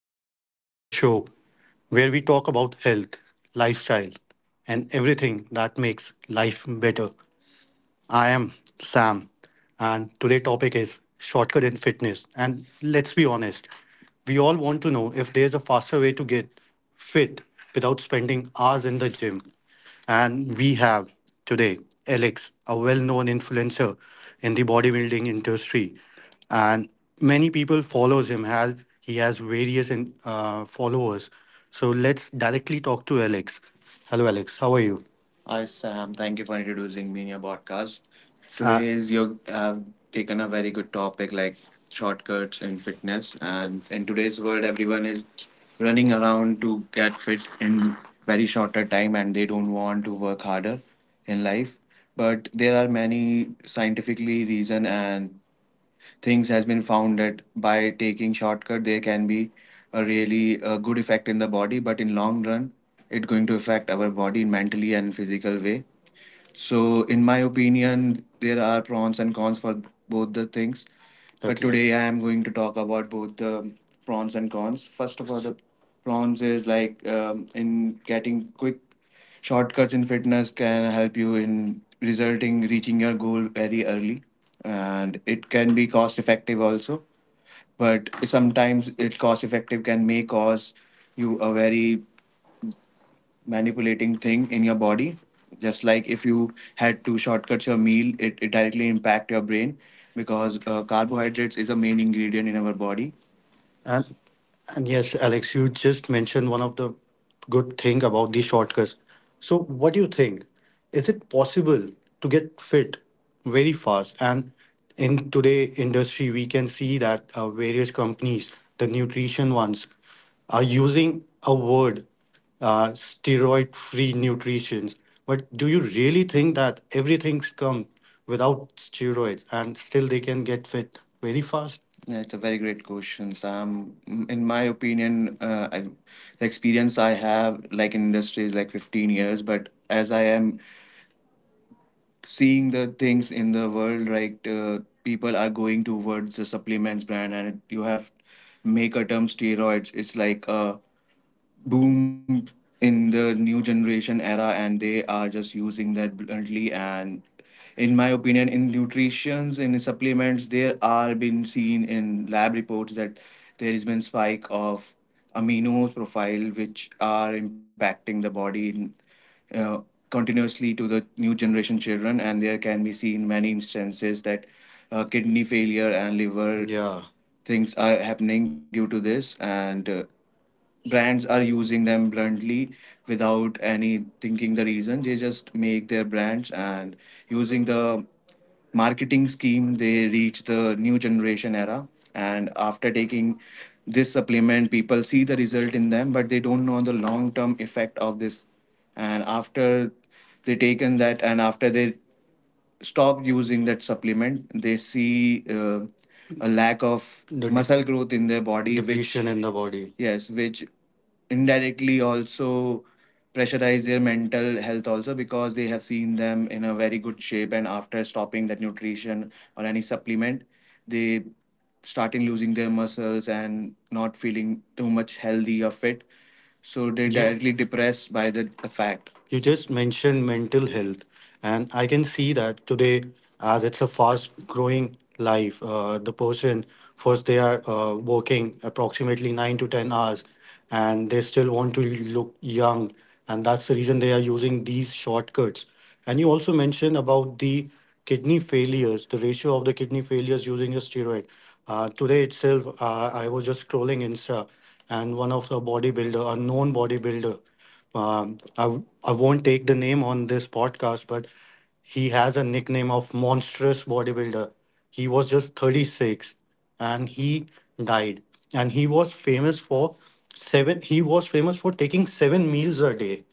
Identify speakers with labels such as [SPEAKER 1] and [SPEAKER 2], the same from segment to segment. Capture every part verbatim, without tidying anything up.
[SPEAKER 1] Podcast, the show where we talk about health, lifestyle, and everything that makes life better. I am Sam, and today' topic is shortcut in fitness. And let's be honest, we all want to know if there's a faster way to get fit without spending hours in the gym. And we have today Alex, a well-known influencer in the bodybuilding industry, and many people follows him. Has he has various in, uh, followers. So let's directly talk to Alex. Hello, Alex. How are you? Hi, Sam. Thank you for introducing me in your podcast. Uh, Today is you have taken a very good topic like shortcuts in fitness. And in today's world, everyone is running around to get fit in very shorter time and they don't want to work harder in life. But there are many scientifically reason and things has been found that by taking shortcut, there can be a really uh, good effect in the body, but in long run, it's going to affect our body in mentally and physical way, so in my opinion, there are pros and cons for both the things. But okay, today I am going to talk about both the pros and cons. First of all, the pros is like, um, in getting quick shortcuts in fitness can help you in resulting reaching your goal very early, and it can be cost effective also. But sometimes it cost effective can may cause you a very manipulating thing in your body, just like if you had to shortcut your meal it, it directly impact your brain because uh, carbohydrates is a main ingredient in our body and and yes, Alex, you just mentioned one of the good thing about these shortcuts. So what do you think? Is it possible to get fit very fast? And in today industry, we can see that uh, various companies, the nutrition ones, are using a word, uh, steroid-free nutrition. But do you really think that everything's come without steroids and still they can get fit very fast? Yeah, it's a very great question. So I'm, mm, in my opinion, uh, I, the experience I have like in industry is like fifteen years, but as I am seeing the things in the world, right, uh, people are going towards the supplements brand, and it, you have make a term steroids. It's like a boom in the new generation era and they are just using that bluntly, and in my opinion in nutritions in supplements there are been seen in lab reports that there has been spike of amino profile which are impacting the body in, uh, continuously to the new generation children, and there can be seen many instances that uh, kidney failure and liver, yeah, things are happening due to this and uh, brands are using them bluntly without any thinking the reason, they just make their brands and using the marketing scheme they reach the new generation era, and after taking this supplement people see the result in them but they don't know the long term effect of this, and after they taken that and after they stop using that supplement they see, uh, a lack of the de- muscle growth in their body which depletion in the body, yes, which indirectly also pressurize their mental health also because they have seen them in a very good shape and after stopping that nutrition or any supplement they starting losing their muscles and not feeling too much healthy or fit, so they, yeah, directly depressed by the, the fact you just mentioned mental health, and I can see that today, as it's a fast-growing life, uh, the person first they are uh, working approximately nine to ten hours, and they still want to look young, and that's the reason they are using these shortcuts. And you also mentioned about the kidney failures, the ratio of the kidney failures using a steroid. Uh, today itself, uh, I was just scrolling Insta, and one of the bodybuilder, a known bodybuilder. Um, I, w- I won't take the name on this podcast, but he has a nickname of monstrous bodybuilder. He was just thirty-six and he died. And he was famous for seven, he was famous for taking seven meals a day.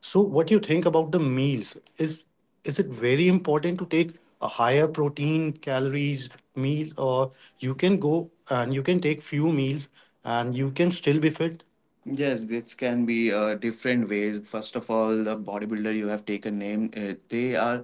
[SPEAKER 1] So what do you think about the meals? Is is it very important to take a higher protein calories meal, or you can go and you can take few meals and you can still be fit? Yes, it can be uh, different ways. First of all, the bodybuilder you have taken name, uh, they are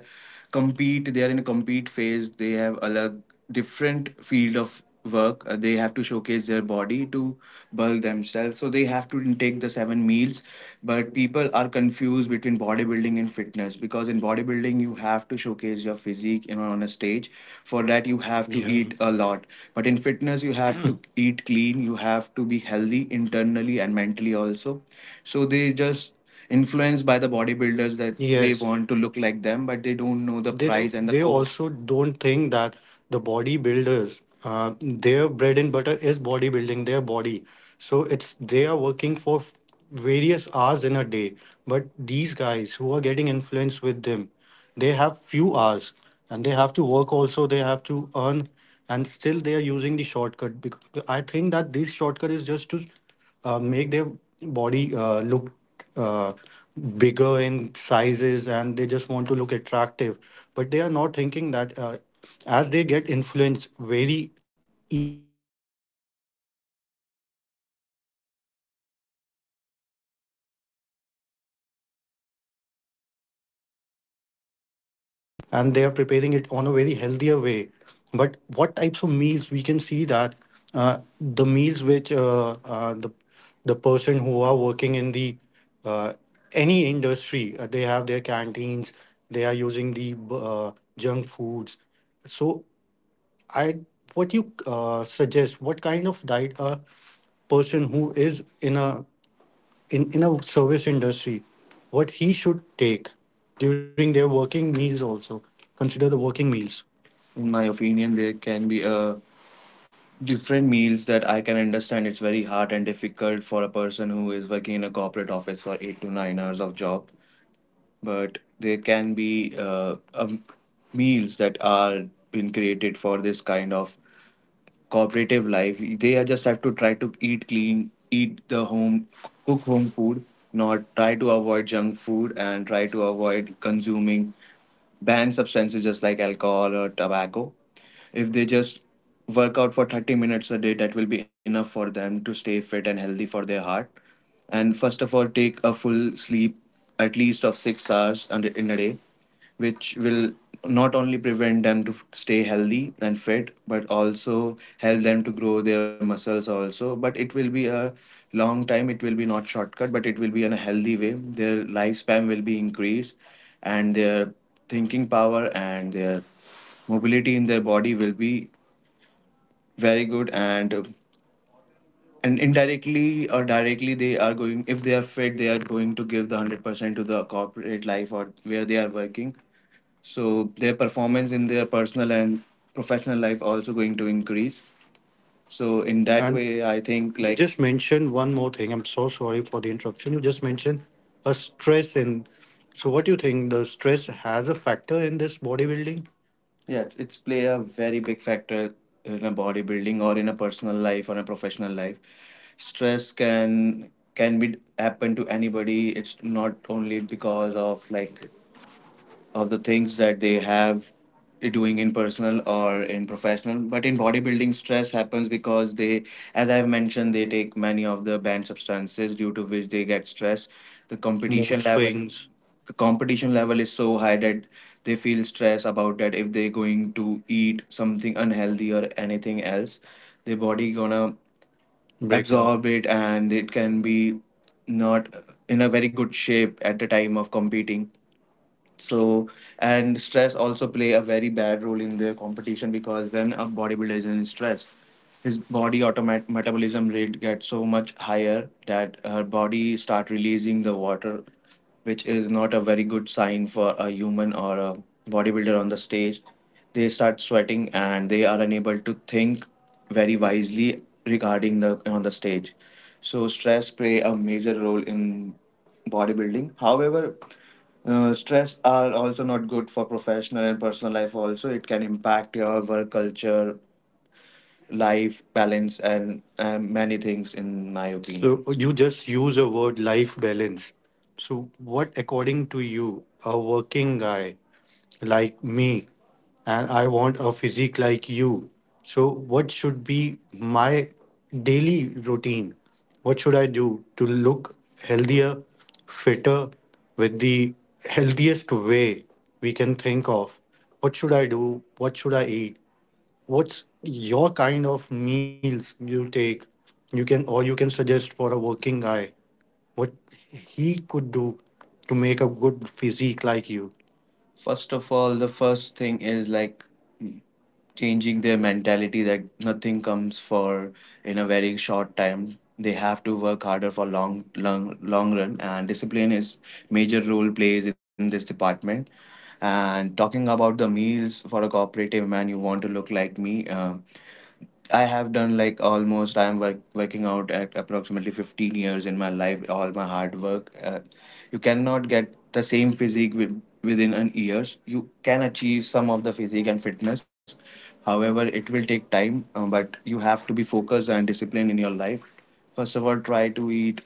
[SPEAKER 1] compete. They are in a compete phase. They have a different field of work. Uh, they have to showcase their body to bulk themselves. So they have to intake the seven meals. But people are confused between bodybuilding and fitness because in bodybuilding you have to showcase your physique, you know, on a stage, for that you have to, yeah, eat a lot, but in fitness you have to eat clean, you have to be healthy internally and mentally also, so they just influenced by the bodybuilders that they, yes, want to look like them but they don't know the they price and the they cost, also don't think that the bodybuilders, uh, their bread and butter is bodybuilding their body, so it's they are working for various hours in a day. But these guys who are getting influenced with them, they have few hours and they have to work also, they have to earn, and still they are using the shortcut. Because I think that this shortcut is just to uh, make their body uh, look uh, bigger in sizes and they just want to look attractive. But they are not thinking that uh, as they get influenced very
[SPEAKER 2] And they are preparing it on a very healthier way. But what types of meals we can see that uh, the meals which uh, uh, the the person who are working in the uh, any industry uh, they have their canteens, they are using the uh, junk foods. So I what you uh, suggest, what kind of diet a person who is in a in in a service industry, what he should take during their working meals? Also consider the working meals. In my opinion there can be uh, different meals that, I can understand, it's very hard and difficult for a person who is working in a corporate office for eight to nine hours of job. But there can be uh, um, meals that are been created for this kind of cooperative life. They are just have to try to eat clean, eat the home, cook home food, not try to avoid junk food and try to avoid consuming banned substances just like alcohol or tobacco. If they just work out for thirty minutes a day, that will be enough for them to stay fit and healthy for their heart. And first of all, take a full sleep at least of six hours and- in a day, which will not only prevent them to f- stay healthy and fit but also help them to grow their muscles also, but it will be a long time, it will be not shortcut, but it will be in a healthy way. Their lifespan will be increased and their thinking power and their mobility in their body will be very good. And uh, and indirectly or directly they are going, if they are fit they are going to give the one hundred percent to the corporate life or where they are working. So their performance in their personal and professional life also going to increase. So in that And way I think you like just mentioned one more thing. I'm so sorry for the interruption. You just mentioned a stress in. So what do you think? The stress has a factor in this bodybuilding? Yeah, it's, it's play a very big factor in a bodybuilding or in a personal life or a professional life. Stress can can be happen to anybody. It's not only because of, like, of the things that they have doing in personal or in professional, but in bodybuilding stress happens because they, as I've mentioned, they take many of the banned substances due to which they get stress. The competition mood level swings. The competition level is so high that they feel stress about that. If they're going to eat something unhealthy or anything else, their body gonna break down, absorb it, and it can be not in a very good shape at the time of competing. So, and stress also play a very bad role in their competition, because when a bodybuilder is in stress, his body automat metabolism rate gets so much higher that her body start releasing the water, which is not a very good sign for a human or a bodybuilder on the stage. They start sweating and they are unable to think very wisely regarding the on the stage. So stress play a major role in bodybuilding. However, uh, stress are also not good for professional and personal life also. It can impact your work culture, life balance and um, many things in my opinion. So you just use a word life balance. So what, according to you, a working guy like me, and I want a physique like you. So what should be my daily routine? What should I do to look healthier, fitter, with the healthiest way we can think of? What should I do? What should I eat? What's your kind of meals you take? You can, or you can suggest for a working guy what he could do to make a good physique like you? First of all, the first thing is like changing their mentality that nothing comes for in a very short time. They have to work harder for long, long, long run, and discipline is major role plays in this department. And talking about the meals for a cooperative man, you want to look like me. Uh, I have done like almost I'm work, working out at approximately fifteen years in my life, all my hard work. Uh, you cannot get the same physique with, within an years. You can achieve some of the physique and fitness, however it will take time. Uh, but you have to be focused and disciplined in your life. First of all, try to eat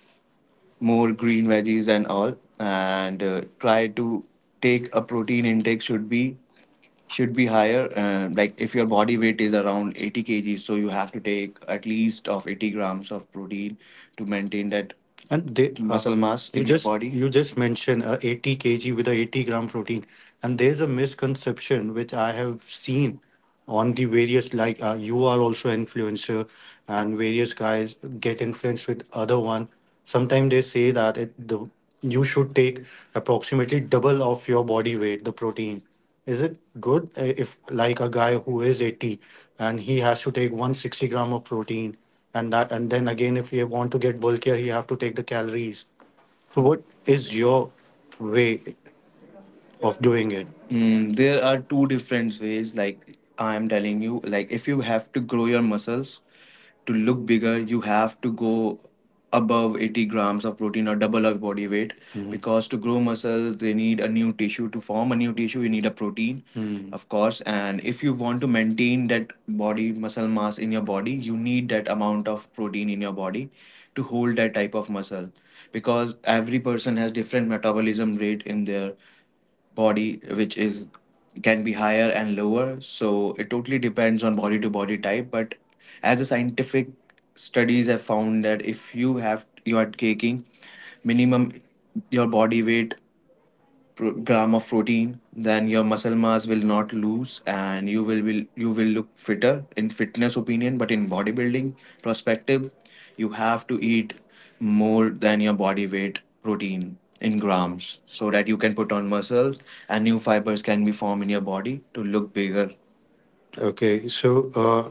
[SPEAKER 2] more green veggies and all, and uh, try to take a protein intake. Should be, should be higher. Uh, like if your body weight is around eighty kgs, so you have to take at least of eighty grams of protein to maintain that. And they, uh, muscle mass you in your just body, you just mentioned uh, eighty k g with a eighty gram protein, and there's a misconception which I have seen on the various, like, uh, you are also influencer, and various guys get influenced with other one. Sometimes they say that it the you should take approximately double of your body weight the protein. Is it good uh, if, like, a guy who is eighty and he has to take one hundred sixty gram of protein, and that, and then again, if you want to get bulkier, you have to take the calories. So, what is your way? Of doing it? Mm, there are two different ways. Like I am telling you, like if you have to grow your muscles to look bigger, you have to go above eighty grams of protein or double of body weight. Mm, because to grow muscle they need a new tissue. To form a new tissue you need a protein, mm, of course. And if you want to maintain that body muscle mass in your body, you need that amount of protein in your body to hold that type of muscle, because every person has different metabolism rate in their body, which is can be higher and lower. So it totally depends on body to body type. But as a scientific studies have found that if you have you are taking minimum your body weight pro- gram of protein, then your muscle mass will not lose and you will, will you will look fitter in fitness opinion. But in bodybuilding perspective, you have to eat more than your body weight protein in grams, so that you can put on muscles and new fibers can be formed in your body to look bigger. Okay, so uh,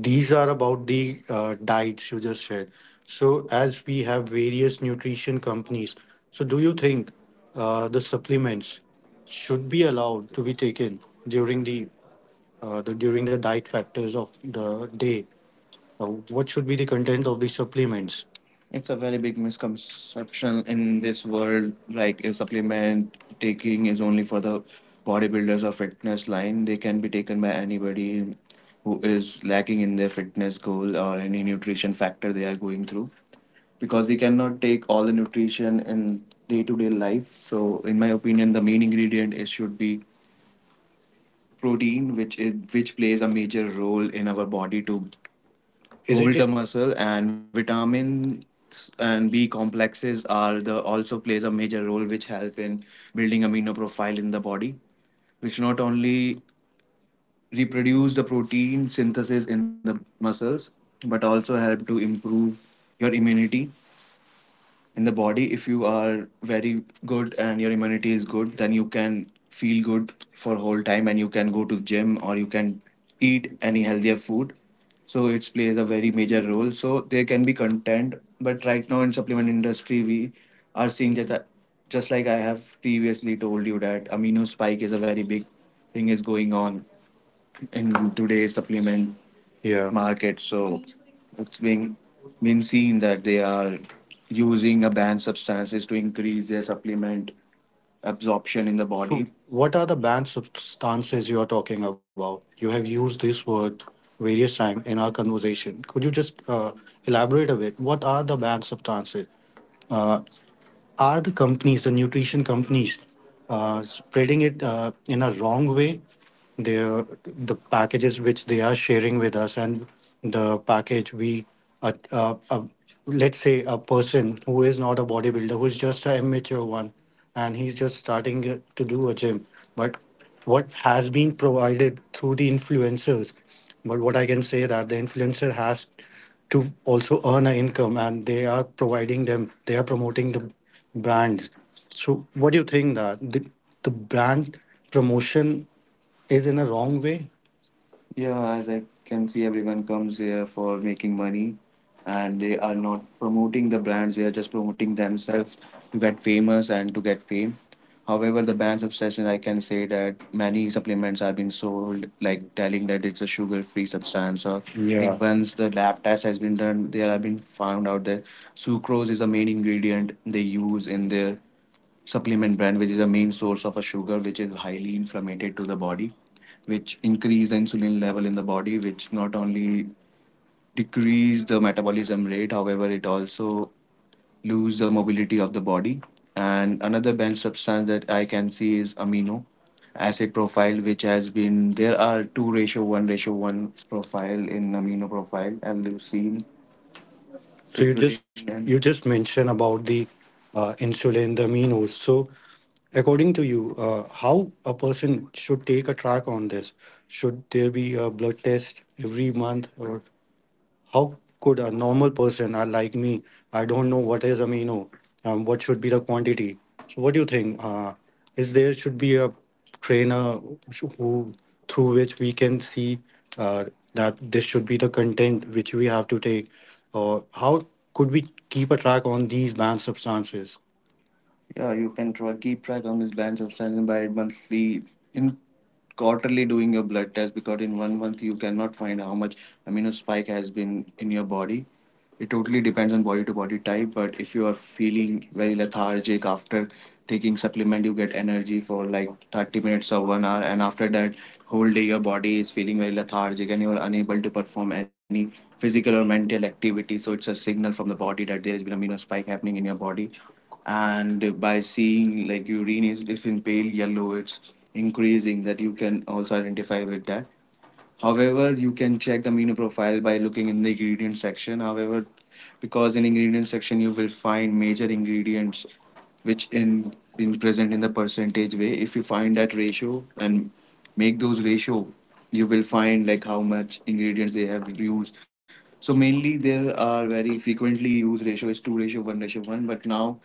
[SPEAKER 2] these are about the uh, diets you just said. So, as we have various nutrition companies, so do you think uh, the supplements should be allowed to be taken during the, uh, the during the diet factors of the day? Uh, what should be the content of the supplements? It's a very big misconception in this world. Like, if supplement taking is only for the bodybuilders or fitness line, they can be taken by anybody who is lacking in their fitness goal or any nutrition factor they are going through. Because we cannot take all the nutrition in day to day life. So, in my opinion, the main ingredient is should be protein, which is which plays a major role in our body to is it build the muscle. And vitamins and B complexes are the also plays a major role, which help in building amino profile in the body, which not only reproduce the protein synthesis in the muscles but also help to improve your immunity in the body. If you are very good and your immunity is good, then you can feel good for whole time and you can go to gym or you can eat any healthier food. So it plays a very major role, so they can be content. But right now in supplement industry we are seeing that, just like I have previously told you, that amino spike is a very big thing is going on in today's supplement. Yeah. Market. So it's being been seen that they are using a banned substances to increase their supplement absorption in the so, body. What are the banned substances you are talking about? You have used this word various times in our conversation. Could you just uh, elaborate a bit? What are the banned substances? Uh, are the companies, the nutrition companies, uh, spreading it uh, in a wrong way? Their the packages which they are sharing with us, and the package we, uh, uh, uh, let's say, a person who is not a bodybuilder, who is just an amateur one, and he's just starting uh, to do a gym, but what has been provided through the influencers, but what I can say that the influencer has to also earn an income, and they are providing them. They are promoting the brand. So what do you think that the, the brand promotion is in a wrong way? Yeah, as I can see, everyone comes here for making money, and they are not promoting the brands. They are just promoting themselves to get famous and to get fame. However, the brand's obsession, I can say that many supplements are being sold, like telling that it's a sugar free substance, or, yeah, like once the lab test has been done, there have been found out that sucrose is the main ingredient they use in their supplement brand, which is a main source of a sugar, which is highly inflammatory to the body, which increase insulin level in the body, which not only decrease the metabolism rate, however it also lose the mobility of the body. And another banned substance that I can see is amino acid profile, which has been, there are two ratio one ratio one profile in amino profile, leucine. So you just you just mentioned about the uh, insulin, the aminos. So according to you, uh, how a person should take a track on this? Should there be a blood test every month, or how could a normal person, uh, like me, I don't know what is amino, um, what should be the quantity. So what do you think? Uh, is there should be a trainer who, through which we can see uh, that this should be the content which we have to take, or how could we keep a track on these banned substances? Yeah, you can try, keep track on this banned substance by monthly, in quarterly doing your blood test, because in one month you cannot find how much amino spike has been in your body. It totally depends on body to body type, but if you are feeling very lethargic after taking supplement, you get energy for like thirty minutes or one hour, and after that whole day your body is feeling very lethargic and you are unable to perform any physical or mental activity. So it's a signal from the body that there has been amino spike happening in your body. And by seeing like urine is, if in pale yellow it's increasing, that you can also identify with that. However, you can check the amino profile by looking in the ingredient section, however, because in ingredient section you will find major ingredients which in been present in the percentage way. If you find that ratio and make those ratio, you will find like how much ingredients they have used. So mainly there are very frequently used ratio is two ratio one ratio one. But now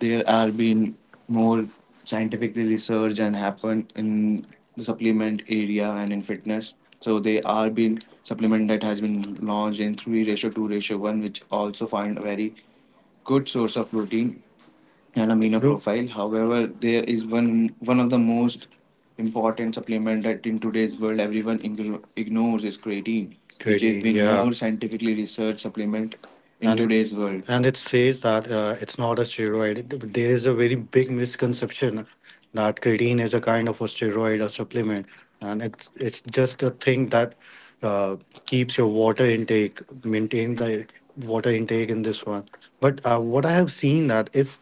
[SPEAKER 2] there are been more scientific research and happen in the supplement area and in fitness. So they are been supplement that has been launched in three ratio two ratio one, which also find a very good source of protein, an amino, true, profile. However, there is one one of the most important supplement that in today's world everyone igno- ignores is creatine, which has, creatine, been, yeah, more scientifically researched supplement in, and, today's world. And it says that uh, it's not a steroid. It- There is a very big misconception that creatine is a kind of a steroid or supplement, and it's it's just a thing that uh, keeps your water intake, maintain the water intake in this one. But uh, what I have seen that if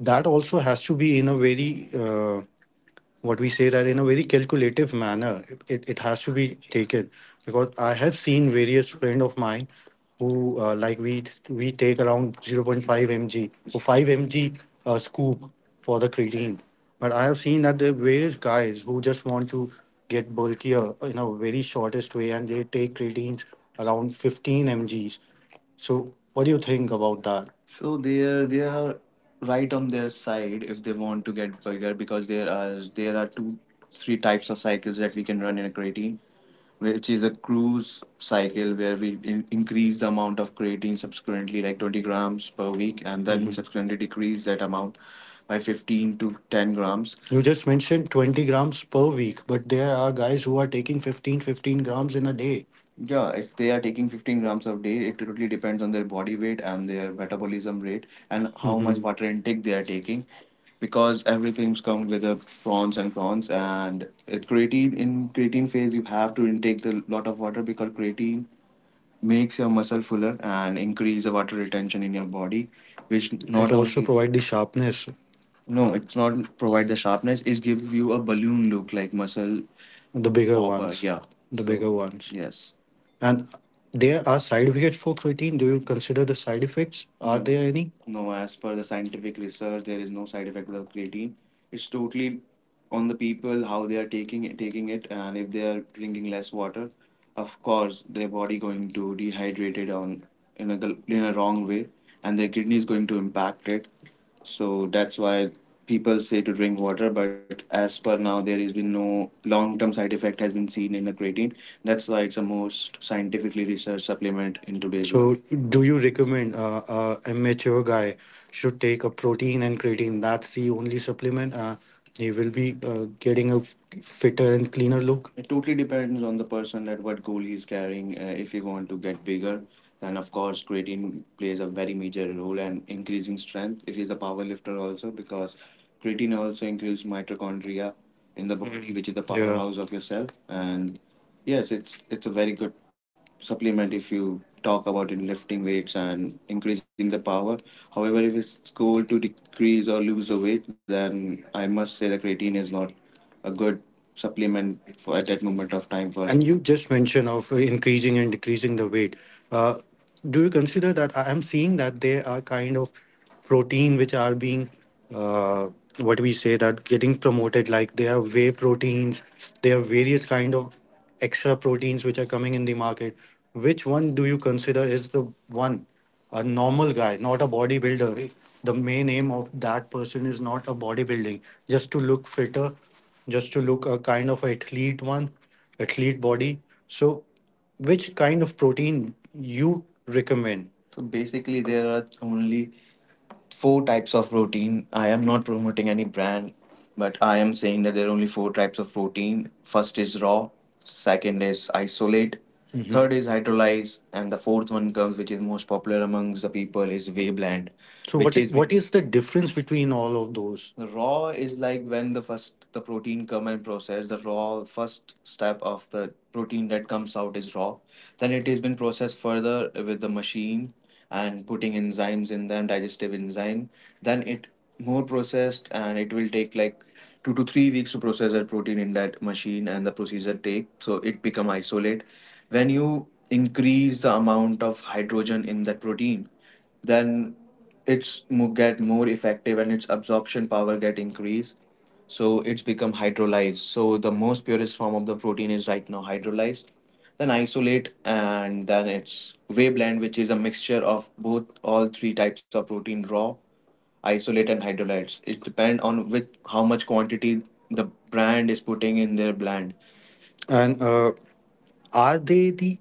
[SPEAKER 2] that also has to be in a very uh, what we say that in a very calculative manner, it, it has to be taken, because I have seen various friend of mine who, uh, like, we we take around zero point 0.5 mg or five milligrams uh, scoop for the creatine. But I have seen that there are various guys who just want to get bulkier in a very shortest way, and they take creatines around fifteen mgs. So what do you think about that? So they're they are right on their side if they want to get bigger, because there are there are two three types of cycles that we can run in a creatine, which is a cruise cycle where we in, increase the amount of creatine subsequently like twenty grams per week, and then we, mhm, subsequently decrease that amount by fifteen to ten grams. You just mentioned twenty grams per week, but there are guys who are taking fifteen, fifteen grams in a day. Yeah, if they are taking fifteen grams a day, it totally depends on their body weight and their metabolism rate and how much hmm water intake they are taking, because everything's come with the prawns and prawns and at creatine in creatine phase you have to intake the lot of water, because creatine makes your muscle fuller and increase the water retention in your body, which, it not, it also only provide the sharpness. No, it's not provide the sharpness. It's give you a balloon look like muscle. The bigger popper ones. Yeah. The, so, bigger ones. Yes. And there are side effects for creatine. Do you consider the side effects? Are, no, there any? No, as per the scientific research, there is no side effect with creatine. It's totally on the people how they are taking it, taking it, and if they are drinking less water, of course their body going to dehydrate it on, in a gl- in a wrong way, and their kidney is going to impact it. So that's why people say to drink water, but as per now, there has been no long-term side effect has been seen in the creatine. That's why it's the most scientifically researched supplement in today's world. So, do you recommend uh, uh, a mature guy should take a protein and creatine? That's the only supplement. Uh, you will be uh, getting a fitter and cleaner look. It totally depends on the person that what goal he's carrying. Uh, if you want to get bigger, then of course creatine plays a very major role and increasing strength. It is a power lifter also, because creatine also increases mitochondria in the body, mm, which is the, yeah, powerhouse of your cell. And, yes, it's it's a very good supplement if you talk about in lifting weights and increasing the power. However, if it's goal to decrease or lose the weight, then I must say the creatine is not a good supplement for at that moment of time for it. And you just mentioned of increasing and decreasing the weight. Uh, do you consider that I am seeing that they are kind of protein which are being uh, what we say that getting promoted? Like, they have whey proteins, they have various kind of extra proteins which are coming in the market. Which one do you consider is the one, a normal guy, not a bodybuilder, the main aim of that person is not a bodybuilding, just to look fitter, just to look a kind of athlete one, athlete body, so which kind of protein you recommend? So basically, there are only four types of protein. I am not promoting any brand, but I am saying that there are only four types of protein. First is raw, second is isolate, mhm, third is hydrolyze, and the fourth one comes, which is most popular amongst the people, is whey blend. So which what is is what is the difference between all of those? Raw is like when the first the protein come and process the raw, first step of the protein that comes out is raw. Then it has been processed further with the machine and putting enzymes in them, digestive enzyme. Then it more processed, and it will take like two to three weeks to process that protein in that machine and the procedure take, so it become isolate. When you increase the amount of hydrogen in that protein, then it's mo- get more effective and its absorption power get increased, so it's become hydrolyzed. So the most purest form of the protein is right now hydrolyzed, then isolate, and then it's whey blend, which is a mixture of both all three types of protein: raw, isolate, and hydrolytes. It depend on which, how much quantity the brand is putting in their blend. And uh, are they the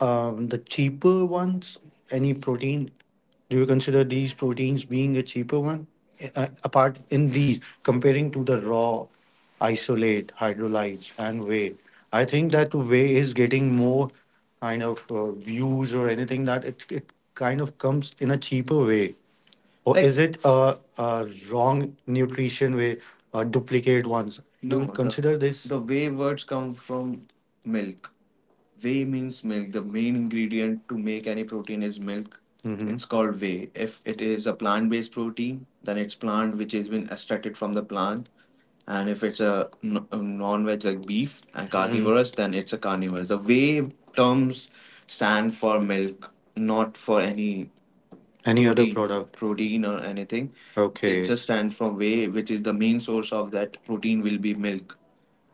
[SPEAKER 2] um, the cheaper ones? Any protein? Do you consider these proteins being a cheaper one? Uh, apart in these, comparing to the raw, isolate, hydrolyze, and whey, I think that whey is getting more kind of uh, views or anything that it, it kind of comes in a cheaper way. Or, like, is it a, a wrong nutrition way, uh, duplicate ones? Do you, no, the, consider this? The way words come from milk. Whey means milk. The main ingredient to make any protein is milk. hmm It's called whey. If it is a plant-based protein, then it's plant which has been extracted from the plant. And if it's a n- a non-veg like beef and hmm carnivorous, then it's a carnivore. The whey terms stand for milk, not for any. Any other protein product? Protein or anything it. Okay, just stands from whey, which is the main source of that protein will be milk.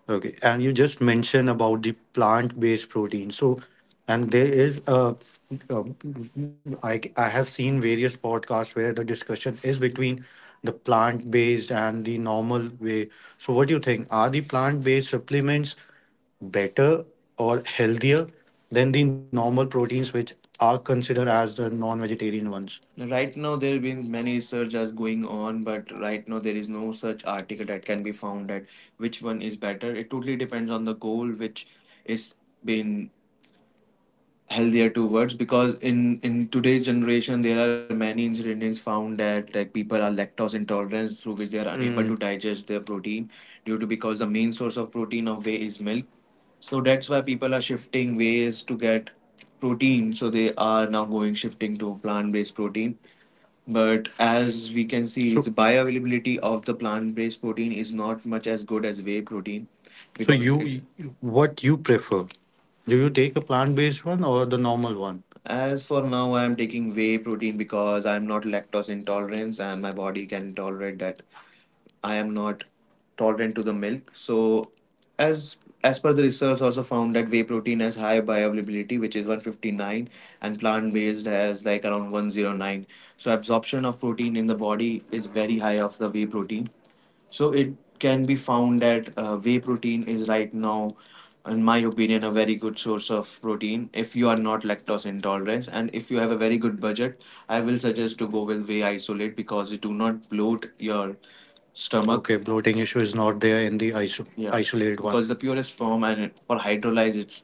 [SPEAKER 2] Okay, and you just mentioned about the plant-based protein. So, and there is a, a I, I have seen various podcasts where the discussion is between the plant-based and the normal way. So, what do you think? Are the plant-based supplements better or healthier than the normal proteins which are considered as the non-vegetarian ones? Right now, there have been many searches going on, but right now there is no such article that can be found that which one is better. It totally depends on the goal which is being healthier towards. Because in in today's generation, there are many incidents found that like people are lactose intolerant, through which they are unable. Mm. To. Mm. Digest their protein due to because the main source of protein of whey is milk. So that's why people are shifting ways to get protein. So they are now going shifting to plant based protein, but as we can see, its bioavailability of the plant-based protein is not much as good as whey protein. So because it, you, you- what you prefer? Do you take a plant-based one or the normal one? As for now, I am taking whey protein because I am not lactose intolerant and my body can tolerate that. I am not tolerant to the milk. So as as per the research also found that whey protein has high bioavailability which is one fifty-nine, and plant based has like around one zero nine, so absorption of protein in the body is very high of the whey protein. So it can be found that uh, whey protein is right now, in my opinion, a very good source of protein if you are not lactose intolerant and if you have a very good budget. I will suggest to go with whey isolate because it do not bloat your stomach. Okay, bloating issue is not there in the iso-. Yeah, isolated one. Because the purest form, and for hydrolyzed, it's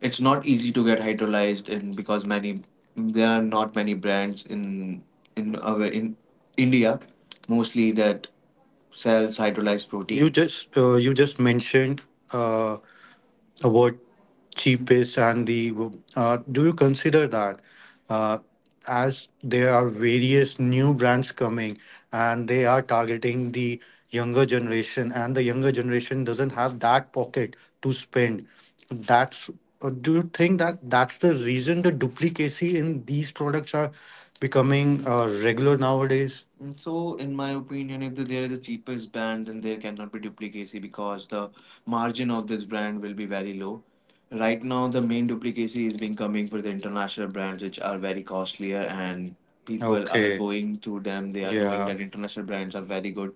[SPEAKER 2] it's not easy to get hydrolyzed, and because many there are not many brands in in our in India mostly that cells hydrolyze protein. You just uh, you just mentioned uh, about cheapest and the uh, do you consider that uh, as there are various new brands coming and they are targeting the younger generation, and the younger generation doesn't have that pocket to spend, that's uh, do you think that that's the reason the duplicacy in these products are becoming uh, regular nowadays? Mm. So, in my opinion, if the, there is a cheapest brand, then there cannot be duplicacy because the margin of this brand will be very low. Right now, the main duplicacy is being coming for the international brands, which are very costlier, and people are. Okay. Going to them. They are knowing. Yeah. That international brands are very good,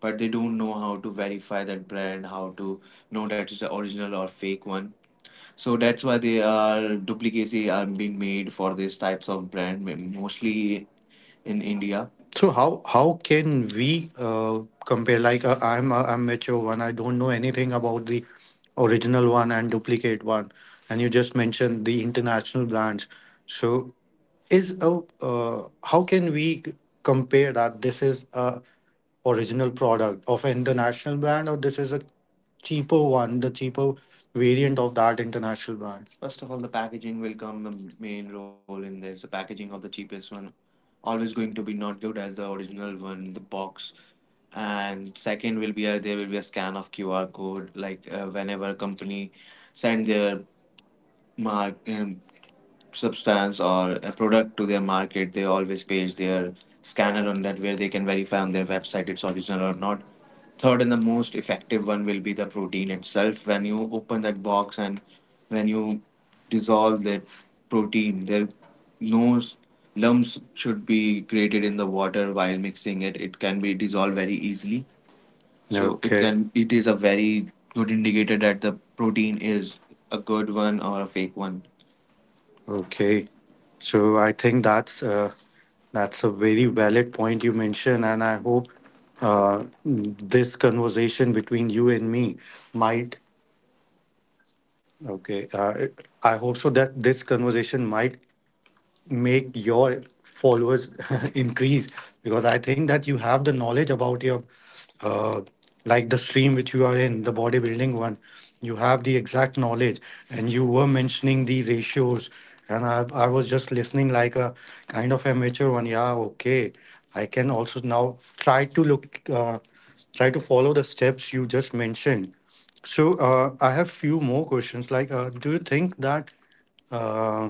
[SPEAKER 2] but they don't know how to verify that brand, how to know that it's the original or fake one. So that's why they are duplicacy are being made for these types of brand, m- mostly in India. So how how can we uh, compare? Like uh, I'm a amateur one. I don't know anything about the original one and duplicate one. And you just mentioned the international brands. So is a uh, how can we c- compare that this is a original product of an international brand or this is a cheaper one, the cheaper variant of that international brand? First of all, the packaging will come the main role in this. The packaging of the cheapest one always going to be not good as the original one, the box. And second will be a, there will be a scan of Q R code like uh, whenever a company send their mark um, substance or a product to their market, they always page their scanner on that where they can verify on their website it's original or not. Third and the most effective one will be the protein itself. When you open that box and when you dissolve that protein, there no lumps should be created in the water while mixing it. It can be dissolved very easily. So it. Okay. Can it is a very good indicator that the protein is a good one or a fake one. Okay, so I think that's uh, that's a very valid point you mentioned, and I hope uh, this conversation between you and me might. Okay. Uh, I hope so that this conversation might make your followers increase, because I think that you have the knowledge about your uh, like the stream which you are in, the bodybuilding one, you have the exact knowledge and you were mentioning the ratios, and i, I was just listening like a kind of amateur one. Yeah. Okay. I can also now try to look uh, try to follow the steps you just mentioned. So uh, I have few more questions like uh, do you think that uh,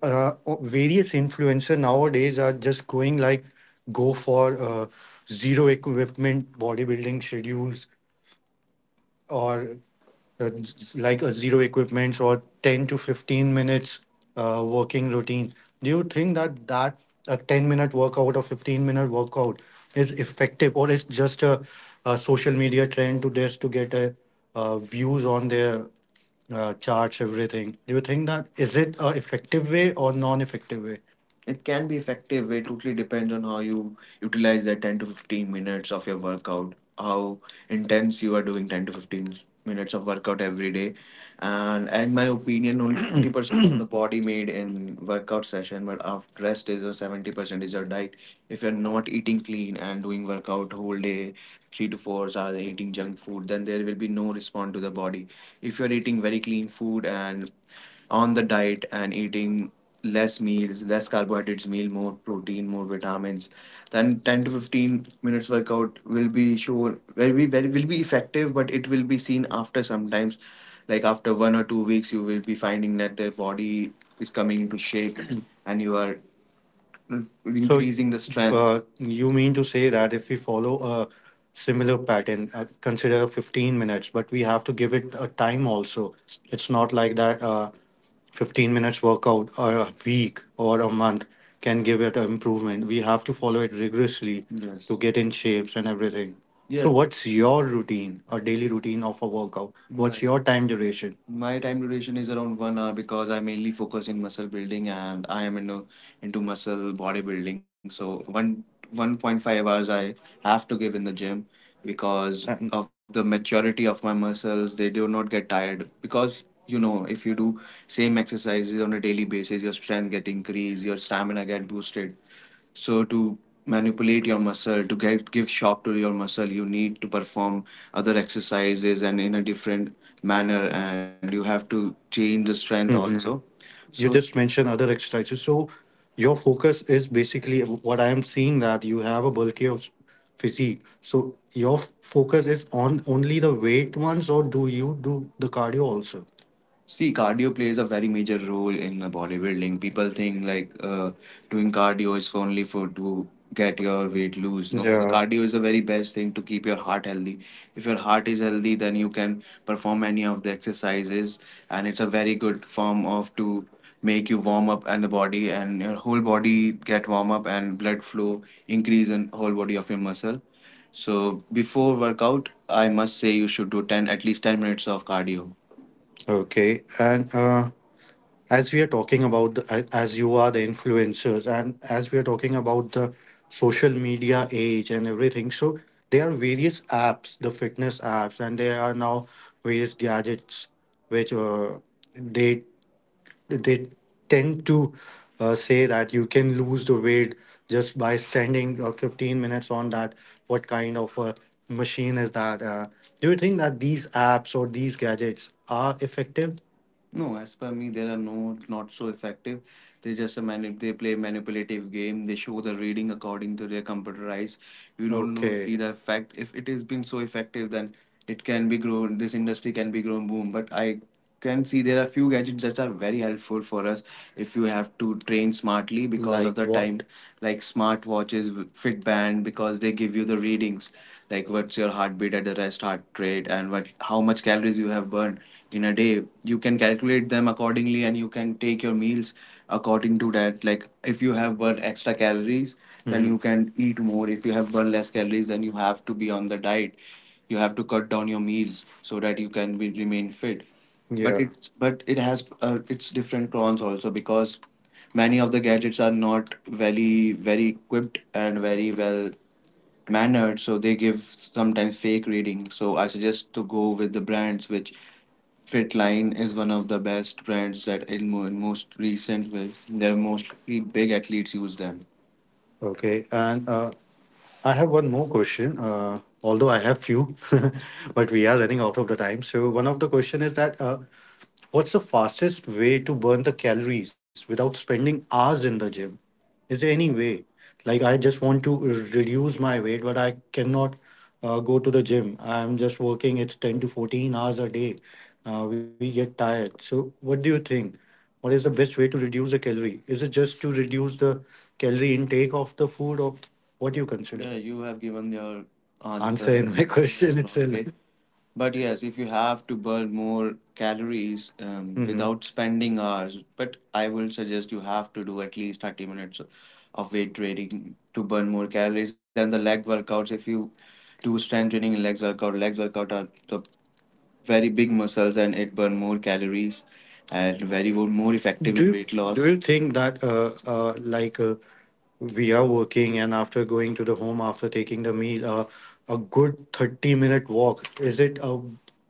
[SPEAKER 2] uh, various influencer nowadays are just going like go for uh, zero equipment bodybuilding schedules or uh, like a zero equipment or ten to fifteen minutes uh, working routine? Do you think that that a ten minute workout or fifteen minute workout is effective, or it's just a, a social media trend to this to get a, uh, views on their uh, charts, everything? Do you think that is it a effective way or non-effective way? It can be effective. It totally depends on how you utilize that ten to fifteen minutes of your workout, how intense you are doing ten to fifteen minutes of workout every day. And in my opinion, only twenty percent of the body made in workout session, but of rest is your seventy percent is your diet. If you're not eating clean and doing workout whole day, three to four hours eating junk food, then there will be no response to the body. If you're eating very clean food and on the diet and eating less meals, less carbohydrates meal, more protein, more vitamins, then ten to fifteen minutes workout will be sure will be very will be effective, but it will be seen after sometimes, like after one or two weeks, you will be finding that their body is coming into shape, and you are so increasing the strength. uh, you mean to say that if we follow a similar pattern, uh, consider fifteen minutes, but we have to give it a time also. It's not like that uh, fifteen minutes workout or a week or a month can give it an improvement. We have to follow it rigorously. Yes. To get in shapes and everything. So, yes, what's your routine, a daily routine of a workout? What's my your time duration? My time duration is around one hour because I mainly focus in muscle building and I am into into muscle bodybuilding. So one one point five hours I have to give in the gym because. And of the maturity of my muscles. They do not get tired because you know if you do same exercises on a daily basis, your strength get increased, your stamina get boosted. So to manipulate your muscle, to get give shock to your muscle, you need to perform other exercises and in a different manner, and you have to change the strength hmm also. You. So just mentioned other exercises. So your focus is basically what I am seeing that you have a bulkier s- physique. So your f- focus is on only the weight ones, or do you do the cardio also? See, cardio plays a very major role in the bodybuilding. People think like uh, doing cardio is only for to get your weight loose. No. Yeah, cardio is the very best thing to keep your heart healthy. If your heart is healthy, then you can perform any of the exercises, and it's a very good form of to make you warm up and the body and your whole body get warm up and blood flow increase in whole body of your muscle. So before workout, I must say you should do ten at least ten minutes of cardio. Okay, and uh, as we are talking about, the, a- as you are the influencers, and as we are talking about the social media age and everything, so there are various apps, the fitness apps, and there are now various gadgets which uh, they they tend to uh, say that you can lose the weight just by standing uh, fifteen minutes on that. What kind of a machine is that? Uh, do you think that these apps or these gadgets are effective? No, as per me, there are no not so effective. They just a mani- they play manipulative game. They show the reading according to their computer eyes. You don't know, see? Okay, the effect. If it has been so effective, then it can be grown. This industry can be grown boom. But I can see there are few gadgets that are very helpful for us if you have to train smartly because of, like, the what? Time, like smart watches, Fitband, because they give you the readings, like what's your heartbeat at the rest, heart rate, and what how much calories you have burned in a day you can calculate them accordingly, and you can take your meals according to that. Like if you have burned extra calories then, mhm, you can eat more. If you have burned less calories then you have to be on the diet, you have to cut down your meals so that you can be, remain fit, but, yeah, it's, but it has uh, its different cons also, because many of the gadgets are not very very equipped and very well mannered, so they give sometimes fake reading. So I suggest to go with the brands which, Fitline is one of the best brands, that in, mo- in most recent ways their most big athletes use them. Okay. And uh, I have one more question, uh, although I have few, but we are running out of the time. So one of the question is that uh, what's the fastest way to burn the calories without spending hours in the gym? Is there any way? Like I just want to reduce my weight, but I cannot uh, go to the gym. I'm just working. It's ten to fourteen hours a day. Uh, we get tired. So what do you think? What is the best way to reduce a calorie? Is it just to reduce the calorie intake of the food, or what do you consider? Yeah, you have given your Answer answer in my question itself. Way. But yes, if you have to burn more calories um, hmm without spending hours, but I will suggest you have to do at least thirty minutes of weight training to burn more calories and the leg workouts. If you do strength training and legs workout, legs workout are the very big muscles and it burn more calories and very wo- more effective Do in you, weight loss. Do you think that uh, uh, like uh, we are working and after going to the home after taking the meal, uh, a good thirty minute walk, is it a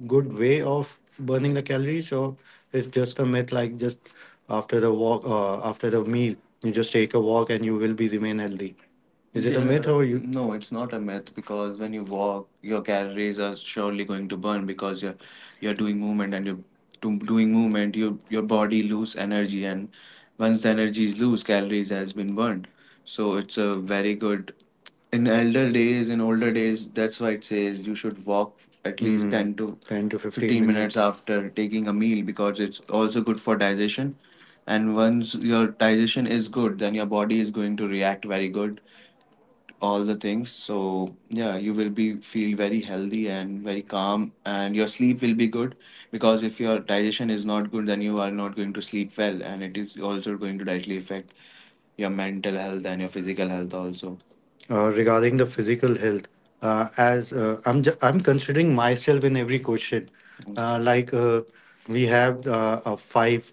[SPEAKER 2] good way of burning the calories, or it's just a myth, like just after the walk, uh, after the meal, you just take a walk and you will be remain healthy? Is it a myth or you? No, it's not a myth, because when you walk, your calories are surely going to burn because you're, you're doing movement and you're do, doing movement. You, your body lose energy, and once the energy is loose, calories has been burned. So it's a very good. In elder days, in older days, that's why it says you should walk at least, hmm, ten to ten to 15 fifteen minutes minutes after taking a meal, because it's also good for digestion, and once your digestion is good then your body is going to react very good all the things. So yeah, you will be feel very healthy and very calm, and your sleep will be good, because if your digestion is not good, then you are not going to sleep well, and it is also going to directly affect your mental health and your physical health also. uh, regarding the physical health, uh, as uh, i'm ju- I'm considering myself in every question, uh, like, uh, we have, uh, a five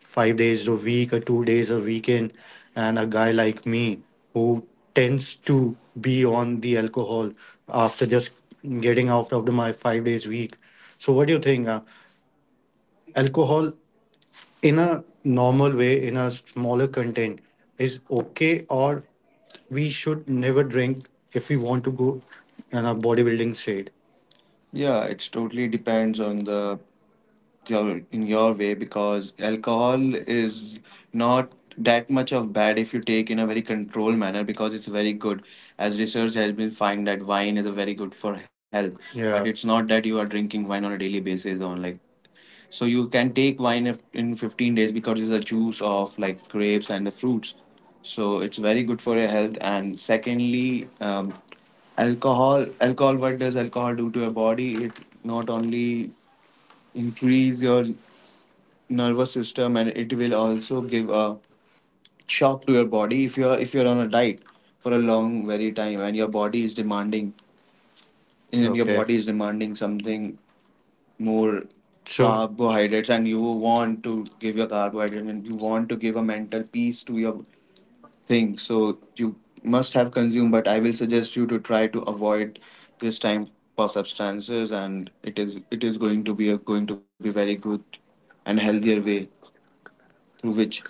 [SPEAKER 2] five days a week or two days a weekend, and a guy like me who tends to be on the alcohol after just getting out of the, my five days week. So what do you think, uh, alcohol in a normal way, in a smaller content, is okay, or we should never drink if we want to go in a bodybuilding shade? Yeah, it's totally depends on the, your, in your way, because alcohol is not that much of bad if you take in a very controlled manner, because it's very good. As research has been find that wine is very good for health, but yeah, it's not that you are drinking wine on a daily basis on, like, so you can take wine if- in fifteen days because it's a juice of like grapes and the fruits. So it's very good for your health. And secondly, um, alcohol. Alcohol. What does alcohol do to your body? It not only increase your nervous system, and it will also give a shock to your body if you're if you're on a diet for a long very time, and your body is demanding, and your, okay, body is demanding something more, sure, carbohydrates, and you want to give your carbohydrates, and you want to give a mental peace to your thing, so you must have consumed, but I will suggest you to try to avoid this type of substances, and it is, it is going to be a, going to be very good and healthier way through which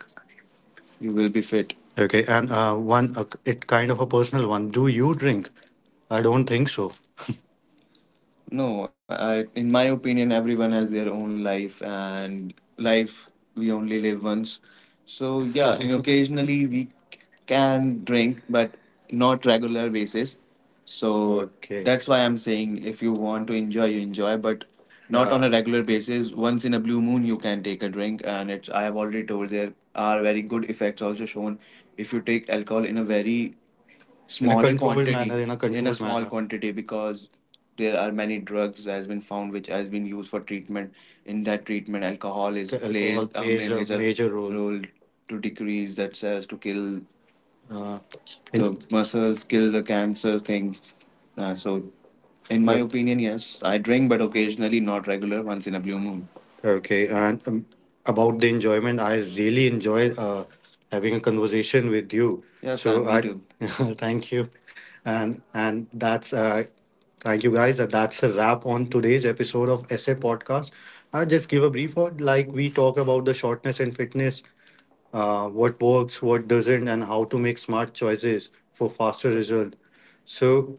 [SPEAKER 2] you will be fit. Okay. And uh, one, uh, it kind of a personal one. Do you drink? I don't think so. No, I, in my opinion, everyone has their own life, and life we only live once. So yeah, and occasionally we can drink, but not regular basis. So, okay, that's why I'm saying if you want to enjoy, you enjoy, but not on, yeah, a regular basis. Once in a blue moon, you can take a drink, and it's, I have already told there are very good effects also shown if you take alcohol in a very small, in a small quantity manner, in a, in a small manner quantity, because there are many drugs has been found which has been used for treatment, in that treatment alcohol is, the plays a, plays a major major role role to decrease that cells to kill, uh, the muscles, kill the cancer thing. Uh, so, in my, Uh, opinion, yes, I drink, but occasionally, not regular, once in a blue moon. Okay, and um, about the enjoyment, I really enjoyed uh, having a conversation with you. Yeah, Sam, so me I too, thank you, and and that's uh, thank you guys. Uh, That's a wrap on today's episode of S A Podcast. I just give a brief word, like we talk about the shortness and fitness, uh, what works, what doesn't, and how to make smart choices for faster result. So,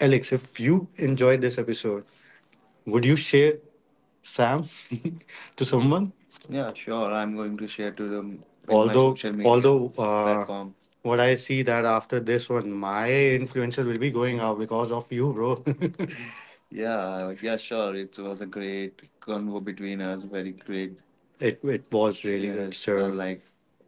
[SPEAKER 2] Alex, if you enjoyed this episode, would you share Sam to someone? Yeah, sure. I'm going to share to them in my, although, social media although, uh, platform. What I see that after this one, my influencer will be going out because of you, bro. Yeah, yeah, sure. It was a great convo between us. Very great. it it was really good, yes, I sir, like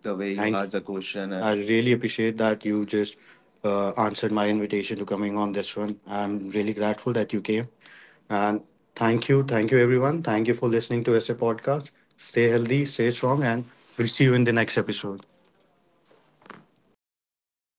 [SPEAKER 2] the way you, thank, asked the question. I, and really appreciate that you just uh, answered my invitation to coming on this one. I'm really grateful that you came. And thank you. Thank you, everyone. Thank you for listening to S A Podcast. Stay healthy, stay strong, and we'll see you in the next episode.